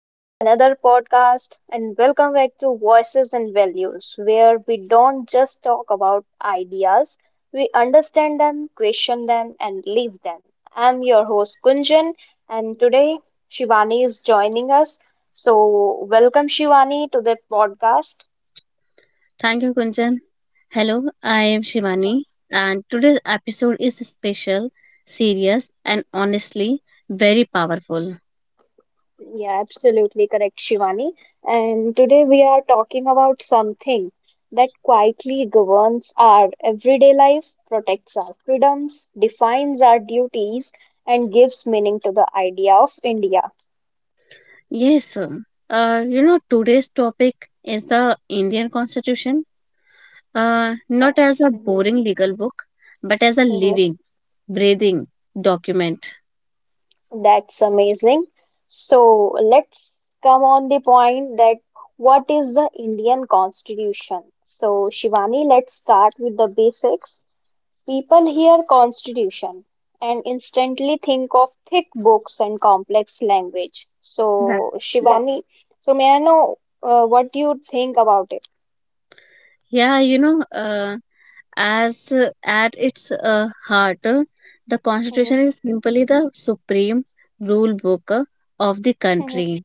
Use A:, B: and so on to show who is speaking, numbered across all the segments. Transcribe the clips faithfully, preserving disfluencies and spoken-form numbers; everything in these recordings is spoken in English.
A: to another podcast, and welcome back to Voices and Values, where we don't just talk about ideas, we understand them, question them, and live them. I'm your host Kunjan, and today Shivani is joining us. So, welcome Shivani to the podcast.
B: Thank you, Kunjan. Hello, I am Shivani, and today's episode is special, serious, and honestly very powerful.
A: Yeah, absolutely correct, Shivani. And today we are talking about something that quietly governs our everyday life, protects our freedoms, defines our duties, and gives meaning to the idea of India.
B: Yes, uh, you know, today's topic is the Indian Constitution, uh, not
A: Oh,
B: as a
A: mhm.
B: boring legal book, but as a living, breathing document.
A: That's amazing. So let's come on the point that what is the Indian Constitution? So, Shivani, let's start with the basics. People hear constitution and instantly think of thick books and complex language. So, yes. Shivani, so may I know uh, what you think about it?
B: Yeah, you know, uh, as uh, at its uh, heart, uh, the Constitution
A: Hmm.
B: is simply the supreme rule book uh, of the
A: Hmm.
B: country.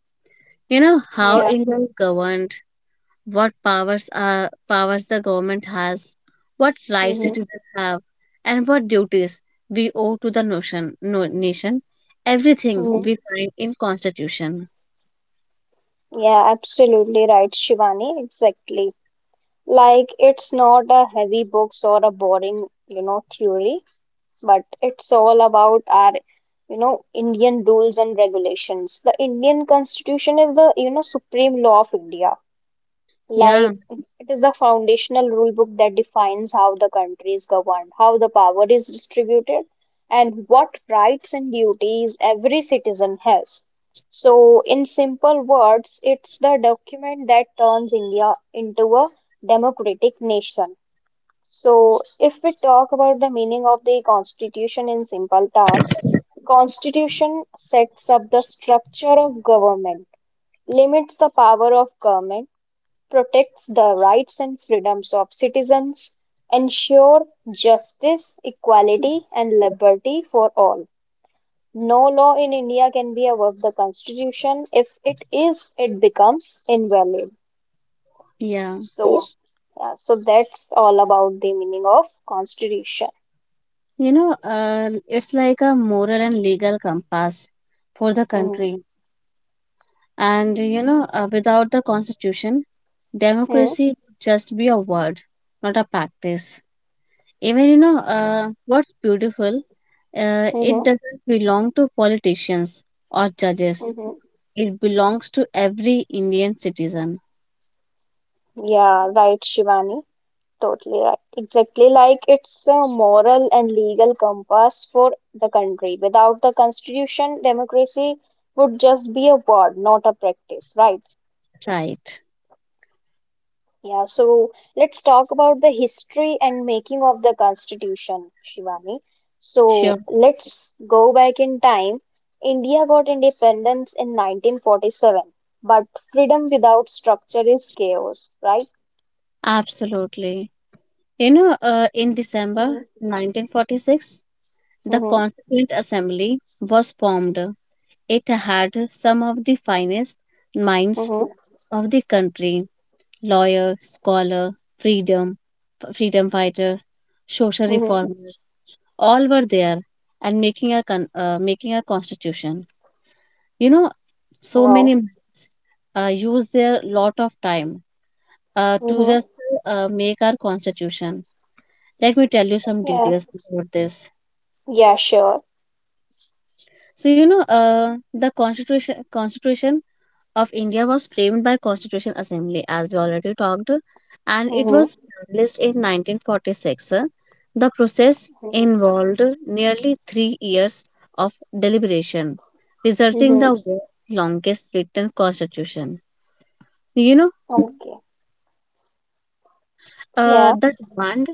B: You know
A: Yeah.
B: how
A: Yeah.
B: India is governed, what powers are powers the government has, what rights
A: Hmm.
B: citizens have, and what duties we owe to the notion, no, nation. Everything
A: Hmm.
B: we find in Constitution.
A: Yeah, absolutely right, Shivani. Exactly. Like it's not a heavy books or a boring, you know, theory, but it's all about our, you know, Indian rules and regulations. The Indian Constitution is the, you know, supreme law of India.
B: Yeah,
A: Like it is the foundational rule book that defines how the country is governed, how the power is distributed, and what rights and duties every citizen has. So, in simple words, it's the document that turns India into a democratic nation. So, if we talk about the meaning of the constitution in simple terms, constitution sets up the structure of government, limits the power of government, protects the rights and freedoms of citizens, ensure justice, equality, and liberty for all. No law in India can be above the Constitution. If it is, it becomes invalid.
B: yeah.
A: So, yeah, so that's all about the meaning of Constitution.
B: You know, uh, it's like a moral and legal compass for the
A: Mm-hmm.
B: country. And, you know, uh, without the constitution,
A: Mm-hmm.
B: democracy would just be a word, not a practice. Even, you know, uh, what's beautiful, uh, it
A: Mm-hmm.
B: doesn't belong to politicians or judges.
A: Mm-hmm.
B: It belongs to every Indian citizen.
A: Yeah, right, Shivani. Totally right. Exactly like it's a moral and legal compass for the country. Without the constitution, democracy would just be a word, not a practice, right?
B: Right.
A: Yeah, so let's talk about the history and making of the constitution, Shivani. So
B: Sure.
A: let's go back in time. India got independence in nineteen forty-seven, but freedom without structure is chaos, right?
B: Absolutely. You know, uh, in December
A: Mm-hmm.
B: nineteen forty-six, the
A: Mm-hmm.
B: Constituent Assembly was formed It had some of the finest minds of the country, lawyer, scholar, freedom, freedom fighters, social
A: Mm-hmm.
B: reformers, all were there and making our con- uh, making our constitution. You know, so many
A: Wow.
B: minds uh, use their lot of time uh, to
A: Mm-hmm.
B: just uh, make our constitution. Let me tell you some
A: Yeah.
B: details about this.
A: Yeah, sure.
B: So you know, uh, the constitution constitution of India was claimed by Constitution Assembly, as we already talked, and it
A: Mm-hmm.
B: was established in nineteen forty-six. The process
A: Mm-hmm.
B: involved nearly 3 years of deliberation, resulting
A: Mm-hmm.
B: the world's longest written constitution. You know,
A: Okay.
B: uh,
A: Yeah.
B: the demand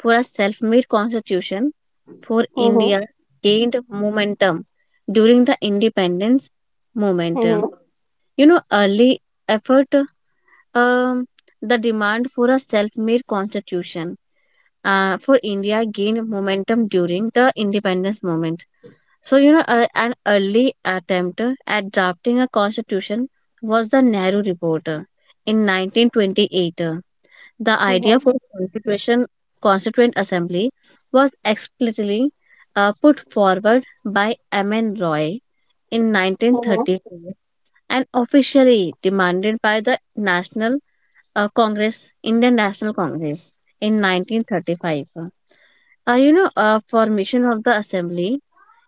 B: for a self-made constitution for
A: Mm-hmm.
B: India gained momentum during the independence movement.
A: Mm-hmm.
B: You know, early effort Um, the demand for a self-made constitution uh, for India gained momentum during the independence movement. So, you know, uh, an early attempt at drafting a constitution was the Nehru Report uh, in nineteen twenty-eight. uh. The idea for constitution, constituent assembly was explicitly uh, put forward by M. N. Roy in
A: Mm-hmm.
B: nineteen thirty-four, and officially demanded by the National uh, Congress, Indian National Congress in nineteen thirty-five. Uh, you know, uh, formation of the assembly.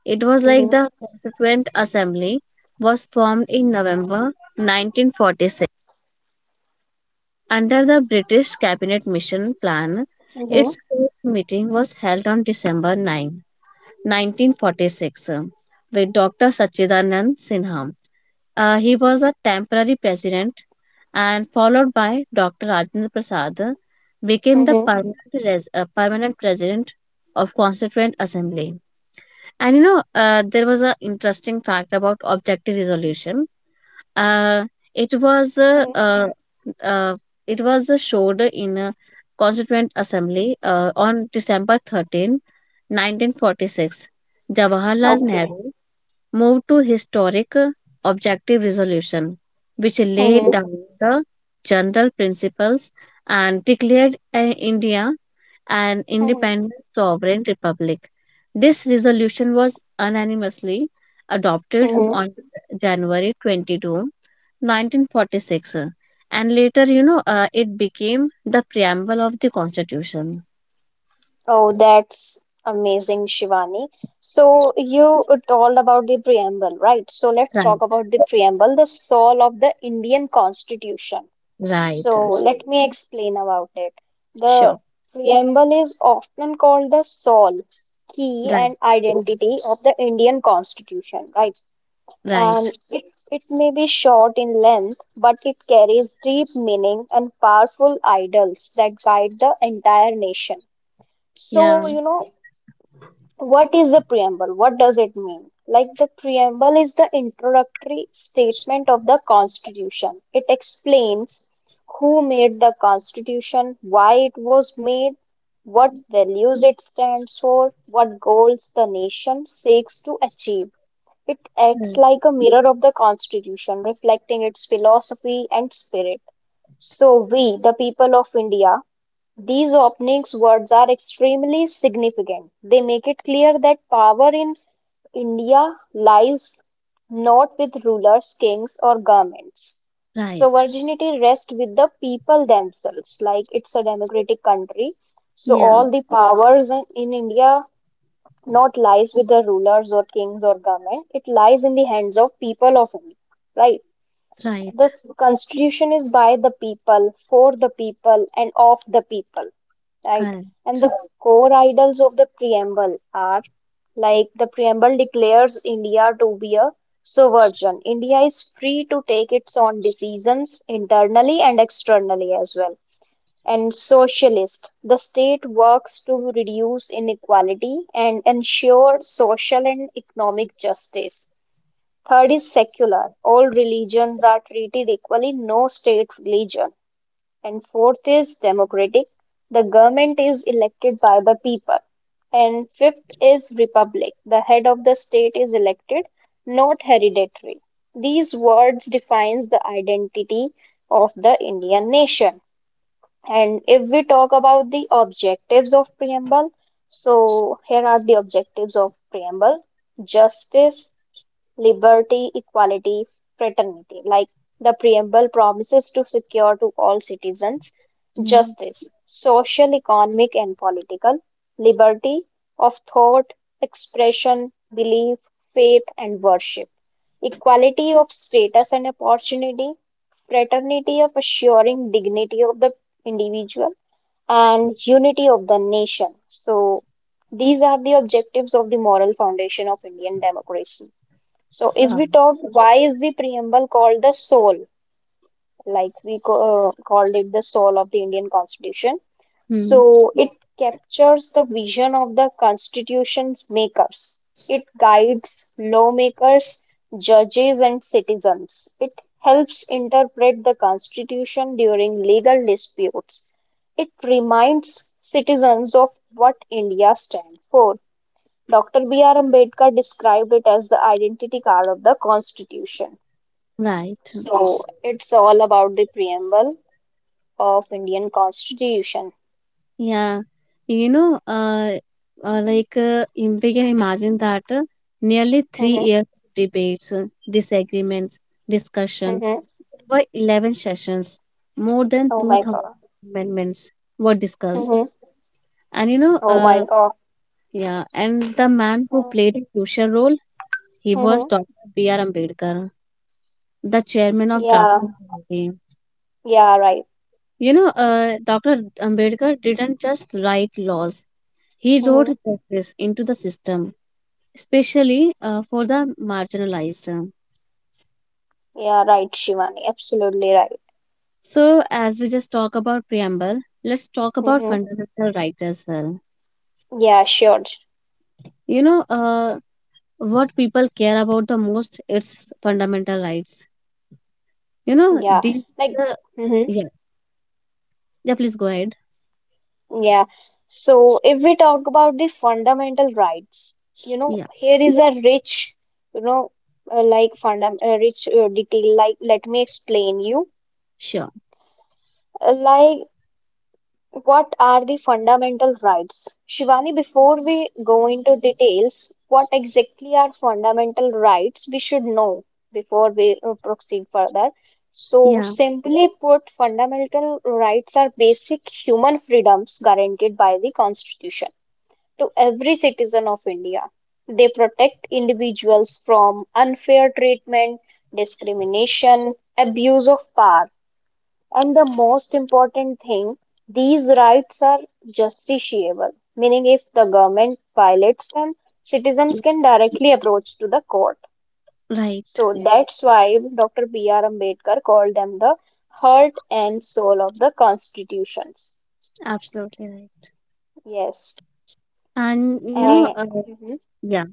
B: It was like
A: Mm-hmm.
B: the Constituent Assembly was formed in November nineteen forty-six under the British Cabinet Mission Plan.
A: Mm-hmm.
B: Its first meeting was held on December 9, 1946, with Doctor Sachidanand Sinha uh, He was a temporary president, and followed by Doctor Rajendra Prasad, became the
A: Mm-hmm.
B: permanent, res- uh, permanent president of Constituent Assembly. And you know, uh, there was an interesting fact about objective resolution. Uh, it was uh, uh, uh, it was uh, showed in a Constituent Assembly uh, on December thirteenth, nineteen 1946. Jawaharlal
A: Okay.
B: Nehru moved to historic objective resolution, which laid
A: Mm-hmm.
B: down the general principles and declared uh, India an independent
A: Mm-hmm.
B: sovereign republic. This resolution was unanimously adopted
A: Mm-hmm.
B: on January twenty-second, nineteen forty-six, uh, and later, you know, uh, it became the preamble of the constitution.
A: Oh, that's amazing, Shivani. So you told about the preamble, right? So let's talk
B: Right.
A: about the preamble, the soul of the Indian Constitution.
B: Right.
A: So let me explain about it. The
B: Sure.
A: preamble is often called the soul, key,
B: Right.
A: and identity of the Indian Constitution, right? And
B: Right.
A: it, it may be short in length, but it carries deep meaning and powerful ideals that guide the entire nation.
B: Yeah.
A: So, you know, what is the preamble? What does it mean? Like the preamble is the introductory statement of the Constitution. It explains who made the Constitution, why it was made, what values it stands for, what goals the nation seeks to achieve. It acts
B: Right.
A: like a mirror of the Constitution, reflecting its philosophy and spirit. So, we, the people of India, these opening words are extremely significant. They make it clear that power in India lies not with rulers, kings, or governments. So,
B: Right.
A: virginity rests with the people themselves, like it's a democratic country. So,
B: Yeah.
A: all the powers in, in India not lies with the rulers or kings or government. It lies in the hands of people of India, right? The
B: Right,
A: constitution is by the people, for the people, and of the people, right?
B: correct.
A: And the core ideals of the preamble are like the preamble declares India to be a sovereign. India is free to take its own decisions internally and externally as well. And socialist, the state works to reduce inequality and ensure social and economic justice. Third is secular. All religions are treated equally, no state religion, and fourth is democratic. The government is elected by the people. And fifth is republic. The head of the state is elected, not hereditary. These words defines the identity of the Indian nation. And if we talk about the objectives of preamble, so here are the objectives of preamble. Justice, liberty, equality, fraternity. Like the preamble promises to secure to all citizens
B: Yeah.
A: justice, social, economic, and political, liberty of thought, expression, belief, faith, and worship, equality of status and opportunity, fraternity of assuring dignity of the individual, and unity of the nation. So, these are the objectives of the moral foundation of Indian democracy. So if
B: Wow.
A: we talk, why is the preamble called the soul? Like we co- uh, called it the soul of the Indian Constitution.
B: Hmm.
A: So it captures the vision of the Constitution's makers. It guides lawmakers, judges, and citizens. It helps interpret the Constitution during legal disputes. It reminds citizens of what India stands for. doctor B R. Ambedkar described it as the identity card of the Constitution.
B: Right.
A: So it's all about the preamble of Indian Constitution.
B: Yeah. You know, uh, uh like uh, im- we can imagine that uh, nearly three
A: Hmm.
B: years of debates, uh, disagreements, discussion
A: Hmm.
B: over eleven sessions, more than
A: Oh my
B: two thousand
A: God.
B: amendments were discussed.
A: Hmm.
B: And you know,
A: Oh my
B: uh,
A: God.
B: yeah, and the man who played a crucial role, he was
A: Mm-hmm.
B: Doctor B R. Ambedkar, the chairman of
A: Yeah.
B: drafting committee.
A: Yeah. Right.
B: You know, uh, Doctor Ambedkar didn't just write laws, he wrote
A: Hmm.
B: justice into the system, especially uh, for the marginalized.
A: Yeah. Right, Shivani. Absolutely right.
B: So, as we just talk about preamble, let's talk about
A: Hmm.
B: fundamental rights as well.
A: Yeah. Sure.
B: You know, uh, what people care about the most, it's fundamental rights. You know,
A: Yeah.
B: these
A: Like.
B: are the,
A: Mhm.
B: yeah, yeah, please go ahead.
A: Yeah. So if we talk about the fundamental rights, you know,
B: Yeah,
A: here is a rich, you know, uh, like fundam uh, rich uh, detail. Like, let me explain you.
B: sure.
A: Uh, like, what are the fundamental rights? Shivani, before we go into details, what exactly are fundamental rights? We should know before we uh, proceed further. So,
B: Yeah,
A: simply put, fundamental rights are basic human freedoms guaranteed by the Constitution to every citizen of India. They protect individuals from unfair treatment, discrimination, abuse of power, and the most important thing, these rights are justiciable, meaning if the government violates them,
B: yeah,
A: citizens can directly approach to the court.
B: right.
A: So that's why doctor B R. Ambedkar called them the heart and soul of the constitutions.
B: Absolutely right.
A: Yes.
B: And, you know,
A: And
B: uh,
A: mhm.
B: yeah.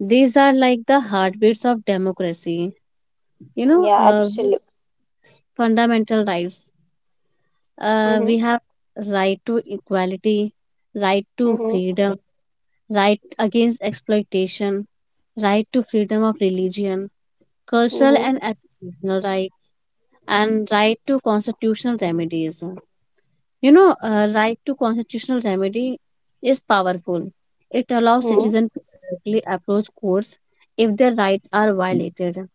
B: These are like the heartbeats of democracy, you know,
A: Yeah,
B: uh,
A: absolutely.
B: fundamental rights. Uh, we have right to equality, right to freedom, right against exploitation, right to freedom of religion, cultural
A: Mhm.
B: and educational rights, and right to constitutional remedies. You know, uh, right to constitutional remedy is powerful. It allows
A: Mhm.
B: citizens to directly approach courts if their rights are violated.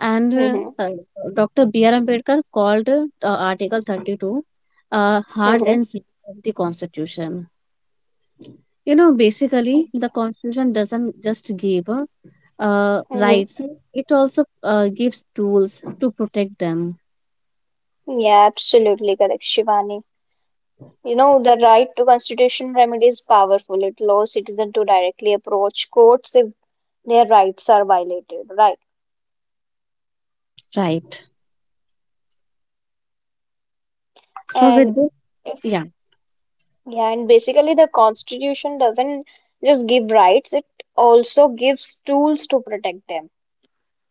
B: And uh,
A: Mhm.
B: uh, Doctor B R. Ambedkar called uh, Article thirty-two uh, heart
A: Mhm.
B: and soul of the Constitution. You know, basically, the Constitution doesn't just give uh, uh,
A: Mhm.
B: rights, it also uh, gives tools to protect them.
A: Yeah, absolutely correct, Shivani. You know, the right to constitution remedy is powerful. It allows citizens to directly approach courts if their rights are violated, right?
B: Right. So,
A: And
B: with this,
A: if,
B: yeah,
A: yeah, and basically the constitution doesn't just give rights, it also gives tools to protect them,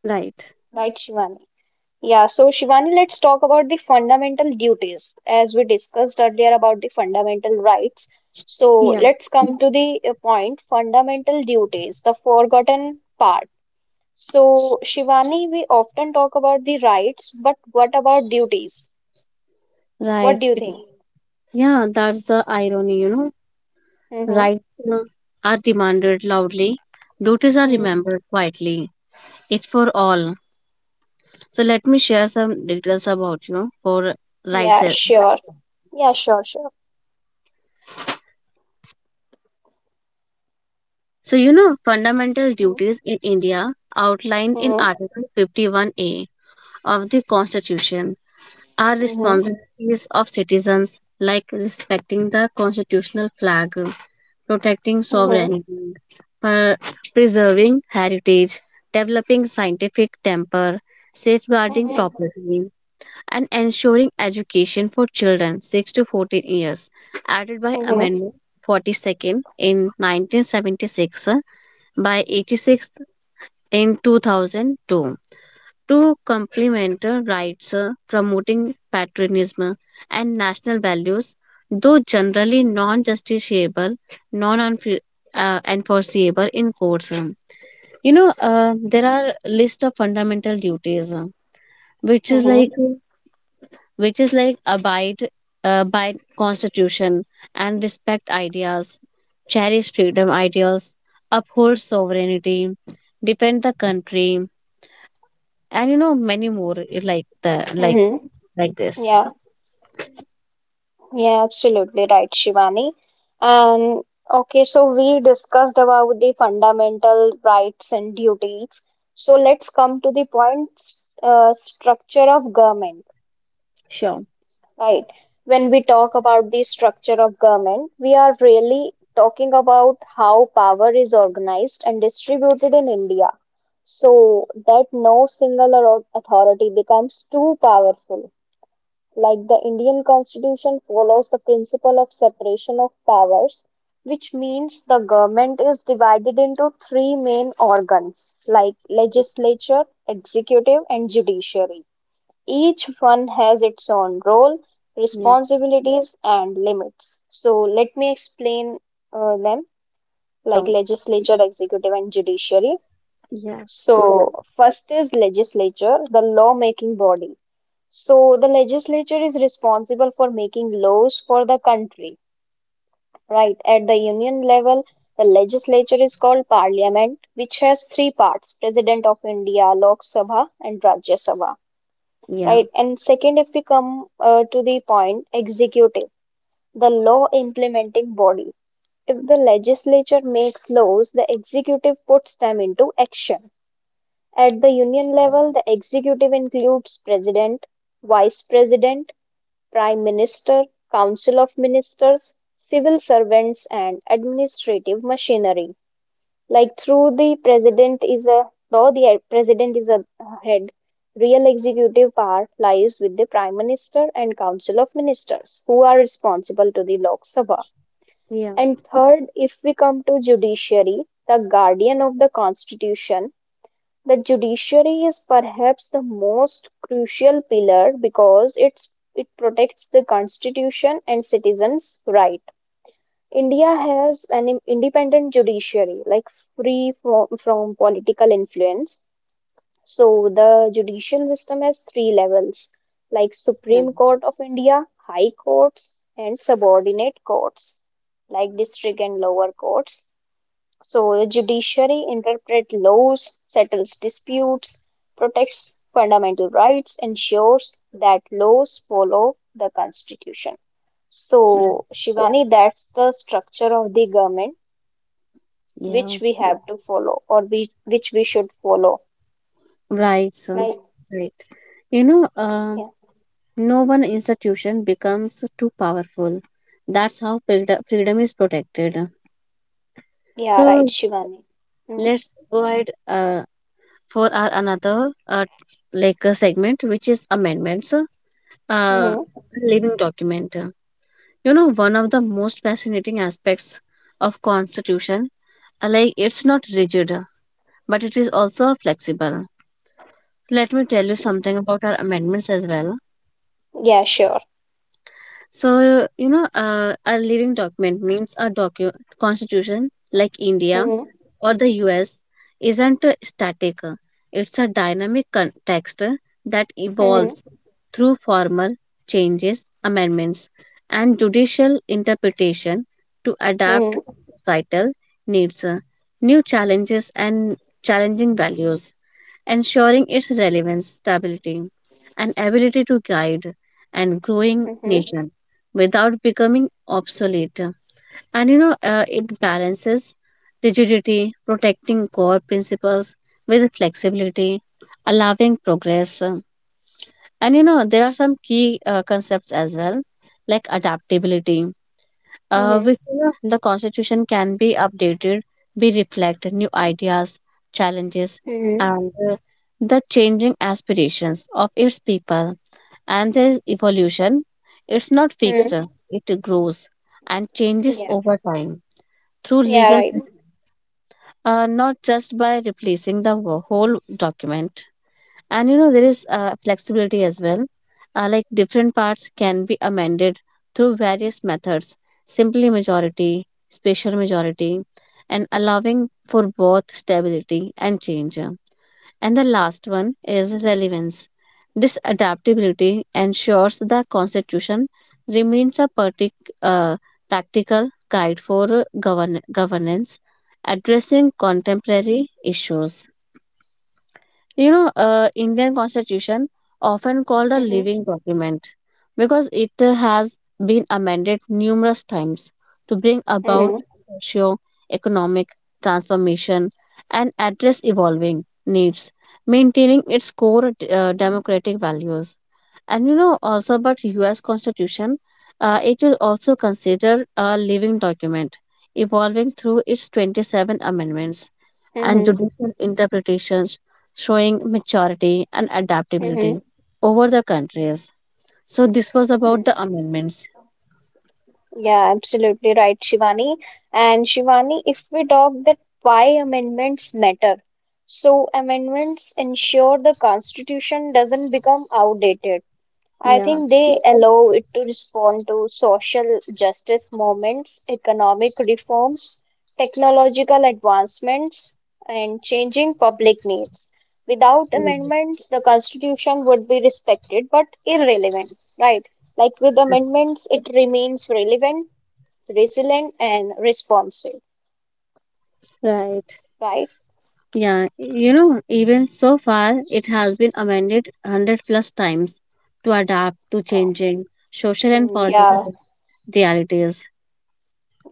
B: right.
A: right, Shivani? Yeah, so Shivani, let's talk about the fundamental duties as we discussed earlier about the fundamental rights. So
B: Yeah.
A: let's come to the uh, point, fundamental duties, the forgotten part. So, Shivani, we often talk about the rights, but what about duties?
B: Right.
A: What do you think?
B: Yeah, that's the irony, you know.
A: Mm-hmm.
B: Rights uh, are demanded loudly, duties are
A: Hmm.
B: remembered quietly. It's for all. So let me share some details about you for rights.
A: Yeah,
B: and-
A: sure. Yeah, sure, sure.
B: So you know fundamental
A: Mm-hmm.
B: duties in India, outlined in Article fifty-one A of the Constitution, are
A: Mm-hmm.
B: responsibilities of citizens like respecting the constitutional flag, protecting
A: Mm-hmm.
B: sovereignty, per- preserving heritage, developing scientific temper, safeguarding
A: Mm-hmm.
B: property, and ensuring education for children six to fourteen years, added by Amendment
A: Mm-hmm.
B: forty-second in nineteen seventy-six, uh, by eighty-sixth in two thousand two, to complement uh, rights, uh, promoting patriotism and national values, though generally non-justiciable, non-enforceable in courts. um. You know, uh, there are list of fundamental duties, uh, which is like
A: Mm-hmm.
B: uh, which is like abide uh, by constitution and respect ideas, cherish freedom ideals, uphold sovereignty, defend the country, and you know many more, it like the like
A: Mm-hmm.
B: like this.
A: Yeah. Yeah, absolutely right, Shivani. And okay, so we discussed about the fundamental rights and duties. So let's come to the point, uh, structure of government,
B: Sure.
A: right? When we talk about the structure of government, we are really talking about how power is organized and distributed in India. So that no single au- authority becomes too powerful, like the Indian constitution follows the principle of separation of powers, which means the government is divided into three main organs like legislature, executive, and judiciary. Each one has its own role,
B: Yeah.
A: responsibilities, and limits. So, let me explain uh, them like
B: Sure.
A: legislature, executive, and judiciary.
B: Yeah.
A: So, first is legislature, the lawmaking body. So the legislature is responsible for making laws for the country, right? At the union level, the legislature is called parliament, which has three parts, President of India, Lok Sabha, and Rajya Sabha,
B: Yeah,
A: right? And second, if we come uh, to the point, executive, the law implementing body. If the legislature makes laws, the executive puts them into action. At the union level, the executive includes president, vice president, Prime Minister, Council of Ministers, civil servants and administrative machinery. Like through the president is a though the president is a head, real executive power lies with the Prime Minister and Council of Ministers, who are responsible to the Lok Sabha.
B: yeah.
A: And third, if we come to judiciary, the guardian of the constitution, the judiciary is perhaps the most crucial pillar because it's it protects the constitution and citizens' right. India has an independent judiciary, like free from, from political influence. So the judicial system has three levels, like
B: Yeah.
A: Supreme Court of India, High Courts, and subordinate courts, like district and lower courts. So the judiciary interprets laws, settles disputes, protects fundamental rights, ensures that laws follow the constitution.
B: Yeah.
A: So, Shivani, that's the structure of the government
B: Yeah,
A: which we have to follow or we, which we should follow.
B: right, sir.
A: Right?
B: Right. You know, uh,
A: Yeah,
B: no one institution becomes too powerful. That's how freed- freedom is protected.
A: yeah, right,
B: So
A: Shivani. Mm-hmm.
B: let's go ahead. Uh, for our another uh, like a segment, which is amendments, uh,
A: Mm-hmm.
B: living document. You know one of the most fascinating aspects of constitution, uh, like it's not rigid but it is also flexible. Let me tell you something about our amendments as well.
A: Yeah, sure.
B: So you know uh, a living document means a docu- constitution like India
A: Mm-hmm.
B: or the US isn't static. It's a dynamic con- text that evolves
A: Mm-hmm.
B: through formal changes, amendments, and judicial interpretation to adapt
A: Mm-hmm.
B: societal needs, uh, new challenges, and challenging values, ensuring its relevance, stability, and ability to guide and growing
A: Mm-hmm.
B: nation without becoming obsolete. And you know, uh, it balances rigidity, protecting core principles with flexibility, allowing progress, uh, and you know, there are some key uh, concepts as well, like adaptability, uh,
A: Mm-hmm.
B: which, you know, the constitution can be updated, be reflect new ideas, challenges,
A: Mm-hmm.
B: and uh, the changing aspirations of its people. And there is evolution. It's not fixed;
A: Mm-hmm.
B: it grows and changes
A: Yeah,
B: over time through
A: yeah,
B: legal,
A: right.
B: uh, not just by replacing the wo- whole document. And you know there is uh, flexibility as well, uh, like different parts can be amended through various methods, simply majority, special majority, and allowing for both stability and change. And the last one is relevance. This adaptability ensures the constitution remains a partic- uh, practical guide for govern- governance, addressing contemporary issues. You know uh, indian constitution, often called a
A: Mm-hmm.
B: living document because it uh, has been amended numerous times to bring about
A: Mm-hmm.
B: socio-economic transformation and address evolving needs, maintaining its core uh, democratic values. And you know also about US constitution, uh, it is also considered a living document, evolving through its twenty-seven amendments and
A: Mm-hmm.
B: judicial interpretations, showing maturity and
A: Mm-hmm. Mm-hmm.
B: adaptability over the countries. So, this was about the amendments.
A: Yeah, absolutely right, Shivani. And Shivani, if we talk that why amendments matter. So amendments ensure the constitution doesn't become outdated. I
B: Yeah.
A: think they allow it to respond to social justice movements, economic reforms, technological advancements, and changing public needs. Without
B: Mhm.
A: amendments, the constitution would be respected but irrelevant, right? Like with amendments, it remains relevant, resilient and responsive,
B: Right.
A: right?
B: Yeah, you know, even so far, it has been amended one hundred plus times to adapt to
A: Wow.
B: changing social and
A: Mm, yeah,
B: political realities.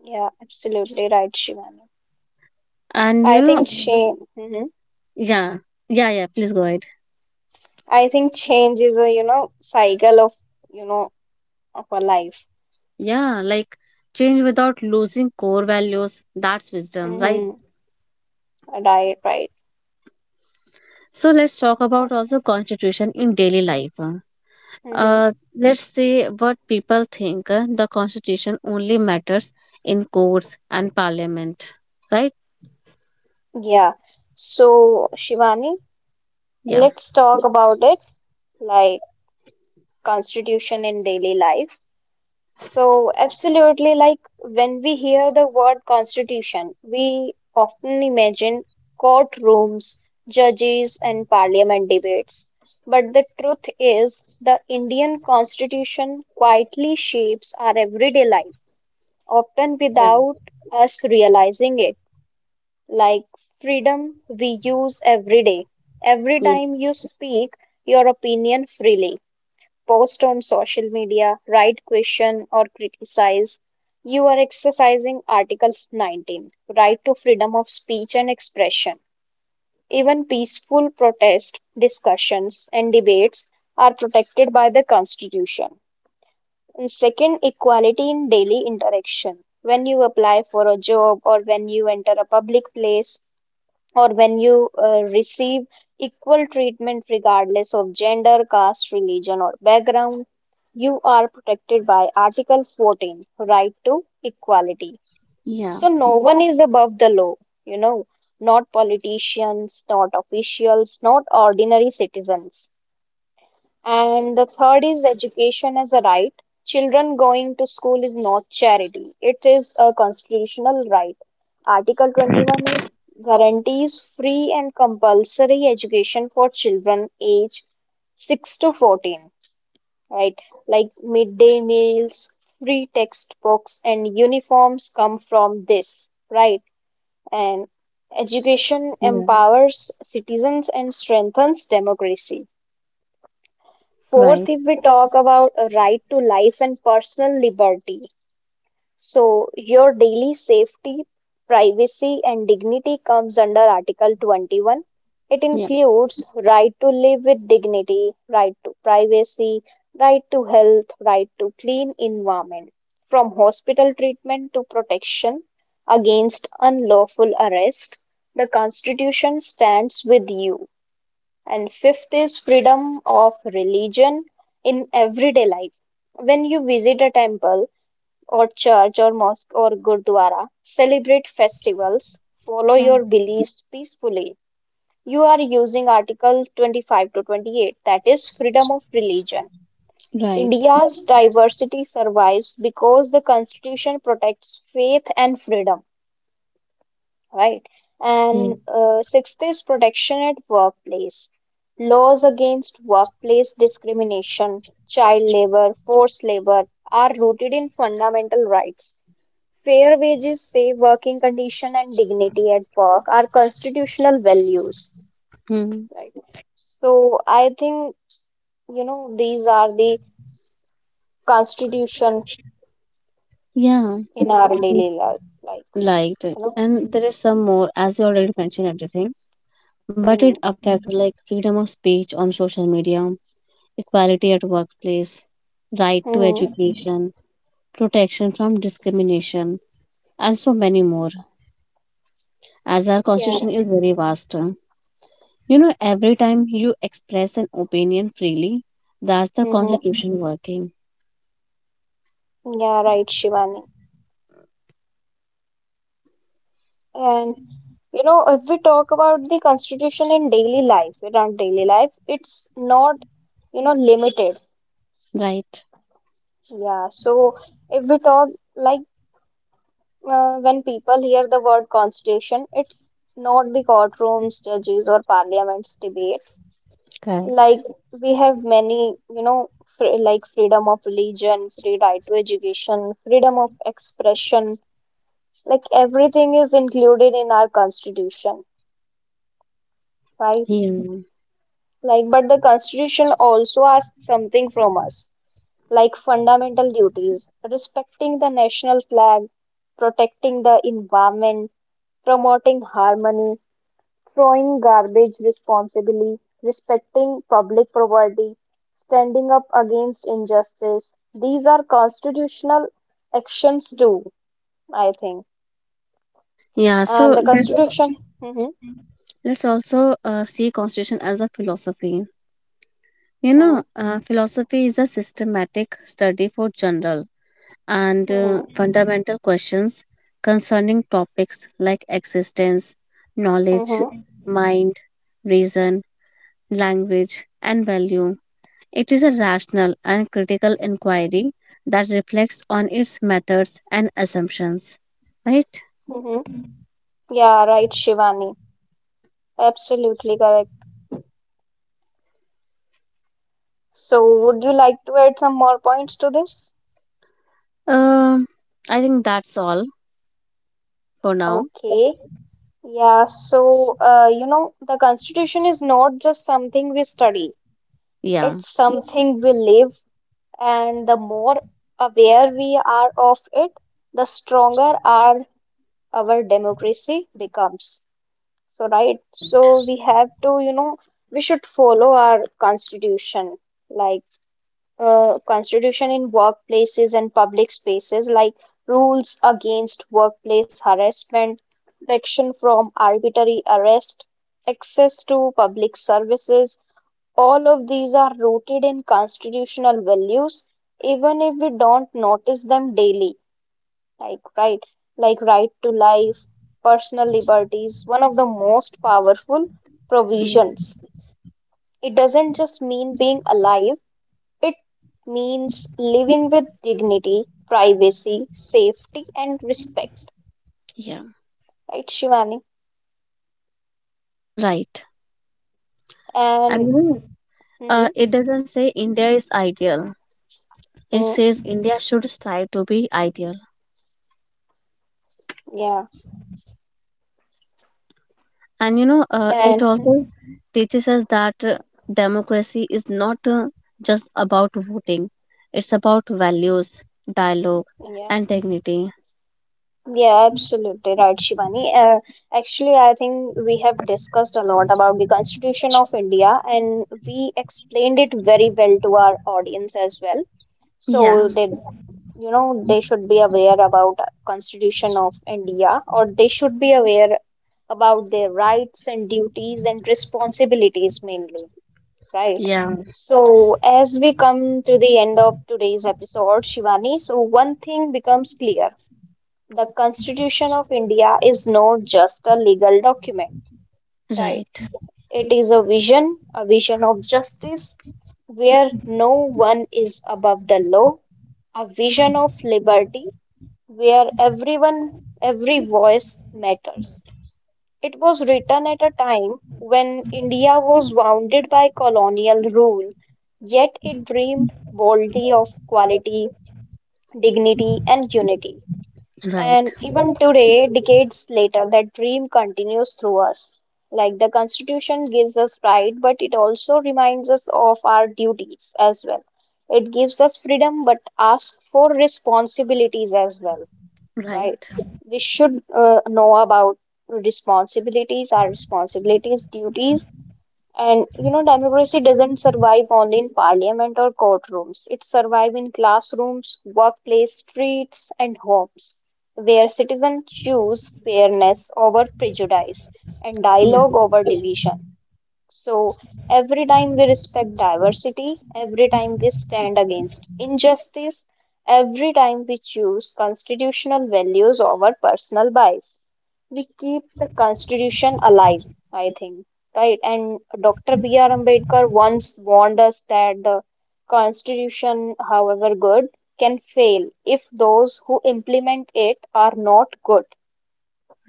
A: yeah, absolutely right, Shivani.
B: And you
A: I
B: know,
A: think change, hmm,
B: yeah, yeah, yeah, please go ahead.
A: I think change is a, you know, cycle of, you know, of a life.
B: Yeah, like change without losing core values, that's wisdom, right?
A: Hmm. Right, right.
B: So let's talk about also constitution in daily life.
A: Hmm.
B: Uh, let's see what people think. Uh, The constitution only matters in courts and parliament, right?
A: Yeah. So, Shivani,
B: Yeah.
A: let's talk about it, like constitution in daily life. So, absolutely, like when we hear the word constitution, we often imagine courtrooms, judges, and parliament debates. But the truth is, the Indian constitution quietly shapes our everyday life, often
B: Right.
A: without us realizing it. Like freedom we use every day. Every
B: Yeah.
A: time you speak your opinion freely post on social media, write question or criticize, you are exercising Articles nineteen, right to freedom of speech and expression. Even peaceful protest, discussions, and debates are protected by the Constitution. And second, equality in daily interaction. When you apply for a job or when you enter a public place or when you uh, receive equal treatment regardless of gender, caste, religion, or background, you are protected by Article fourteen, Right to Equality.
B: Yeah.
A: So, no one is above the law, you know, not politicians, not officials, not ordinary citizens. And the third is education as a right. Children going to school is not charity, it is a constitutional right. Article twenty-one is guarantees free and compulsory education for children age six to fourteen, right? Like midday meals, free textbooks, and uniforms come from this, right? And education
B: Yeah.
A: empowers citizens and strengthens democracy.
B: Right.
A: Fourth, if we talk about a right to life and personal liberty, so your daily safety, privacy, and dignity comes under Article twenty-one. It
B: Yeah.
A: includes right to live with dignity, right to privacy, right to health, right to clean environment, from hospital treatment to protection against unlawful arrest. The Constitution stands with you. And fifth is freedom of religion in everyday life. When you visit a temple or church or mosque or gurdwara, celebrate festivals, follow
B: Yeah.
A: your beliefs peacefully. You are using Article twenty-five to twenty-eight, that is freedom of religion.
B: Right.
A: India's diversity survives because the constitution protects faith and freedom, right?
B: Yeah.
A: And uh, sixth is protection at workplace. Laws against workplace discrimination, child labor, forced labor are rooted in fundamental rights. Fair wages, safe working condition, and dignity at work are constitutional values,
B: Hmm.
A: right? So I think, you know, these are the constitution
B: Yeah.
A: in our
B: Mm.
A: daily life, like,
B: Liked it.
A: you know.
B: And there is some more, as you already mentioned everything, but it
A: Mm-hmm.
B: affects like freedom of speech on social media, equality at workplace, right to
A: Mm-hmm.
B: education, protection from discrimination, and so many more, as our
A: Yeah.
B: constitution is very vast. You know, every time you express an opinion freely, that's the
A: Mm-hmm.
B: constitution working,
A: Yeah, right, Shivani. And. You know, if we talk about the constitution in daily life, in our daily life, it's not, you know, limited.
B: right?
A: Yeah. So if we talk like uh, when people hear the word constitution, it's not the courtrooms, judges, or parliaments debates. Like
B: Correct.
A: we have many, you know, fr like freedom of religion, free right to education, freedom of expression. Like everything is included in our constitution, right?
B: Yeah.
A: Like, but the Constitution also asks something from us, like fundamental duties, respecting the national flag, protecting the environment, promoting harmony, throwing garbage responsibly, respecting public property, standing up against injustice. These are constitutional actions too, I think.
B: Yeah,
A: And
B: so
A: the
B: let,
A: Constitution. hmm
B: let's also uh, see constitution as a philosophy. You
A: hmm
B: know, uh, philosophy is a systematic study for general and uh,
A: hmm
B: fundamental questions concerning topics like existence, knowledge,
A: hmm
B: mind, reason, language, and value. It is a rational and critical inquiry that reflects on its methods and assumptions. Right?
A: hmm Yeah, right, Shivani. Absolutely correct. So, would you like to add some more points to this?
B: Um, I think that's all for now.
A: Okay. Yeah, so uh, you know, the Constitution is not just something we study,
B: Yeah.
A: it's something we live, and the more aware we are of it, the stronger our our democracy becomes. So, right?
B: Right.
A: So we have to, you know, we should follow our Constitution. Like uh, constitution in workplaces and public spaces like rules against workplace harassment, protection from arbitrary arrest, access to public services. All of these are rooted in constitutional values, even if we don't notice them daily. Like right, like right to life, personal liberties, one of the most powerful
B: Yeah.
A: provisions. It doesn't just mean being alive it means living with dignity, privacy, safety, and respect,
B: Yeah.
A: right, Shivani?
B: Right. And
A: And
B: you know,
A: mhm,
B: uh, it doesn't say India is ideal. It
A: mm
B: says India should strive to be ideal.
A: yeah,
B: And you know, uh,
A: and
B: it also teaches us that uh, democracy is not uh, just about voting, it's about values, dialogue,
A: yeah,
B: and dignity.
A: yeah, absolutely right, Shivani. Uh, actually, I think we have discussed a lot about the Constitution of India, and we explained it very well to our audience as well,
B: Yeah,
A: so that you know they should be aware about constitution of india or they should be aware about their rights and duties and responsibilities mainly, right?
B: yeah,
A: So as we come to the end of today's episode, Shivani, so one thing becomes clear, the constitution of india is not just a legal document, right?
B: right,
A: It is a vision, a vision of justice where no one is above the law, a vision of liberty where everyone, every voice matters. It was written at a time when India was bounded by colonial rule, yet it dreamed boldly of quality, dignity, and unity. And
B: right,
A: even today, decades later, that dream continues through us. Like the Constitution gives us right, but it also reminds us of our duties as well. It gives us freedom, but asks for responsibilities as well, right?
B: right,
A: We should uh, know about responsibilities, our responsibilities, duties, and you know, democracy doesn't survive only in parliament or courtrooms. It survives in classrooms, workplace, streets, and homes, where citizens choose fairness over prejudice and
B: yeah,
A: dialogue over division. So, every time we respect diversity, every time we stand against injustice, every time we choose constitutional values over personal bias, we keep the Constitution alive, I think, right? And Doctor B R. Ambedkar once warned us that the Constitution, however good, can fail if those who implement it are not good,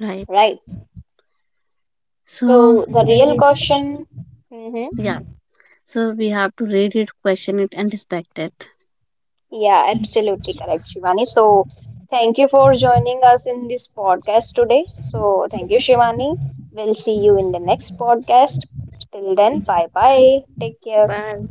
B: right.
A: right?
B: So,
A: So, the real question. Mhm.
B: yeah, so we have to read it, question it, and respect it.
A: Yeah, absolutely correct, Shivani. So, thank you for joining us in this podcast today. So, thank you, Shivani. We'll see you in the next podcast. Till then, bye bye. Take care.
B: Bye.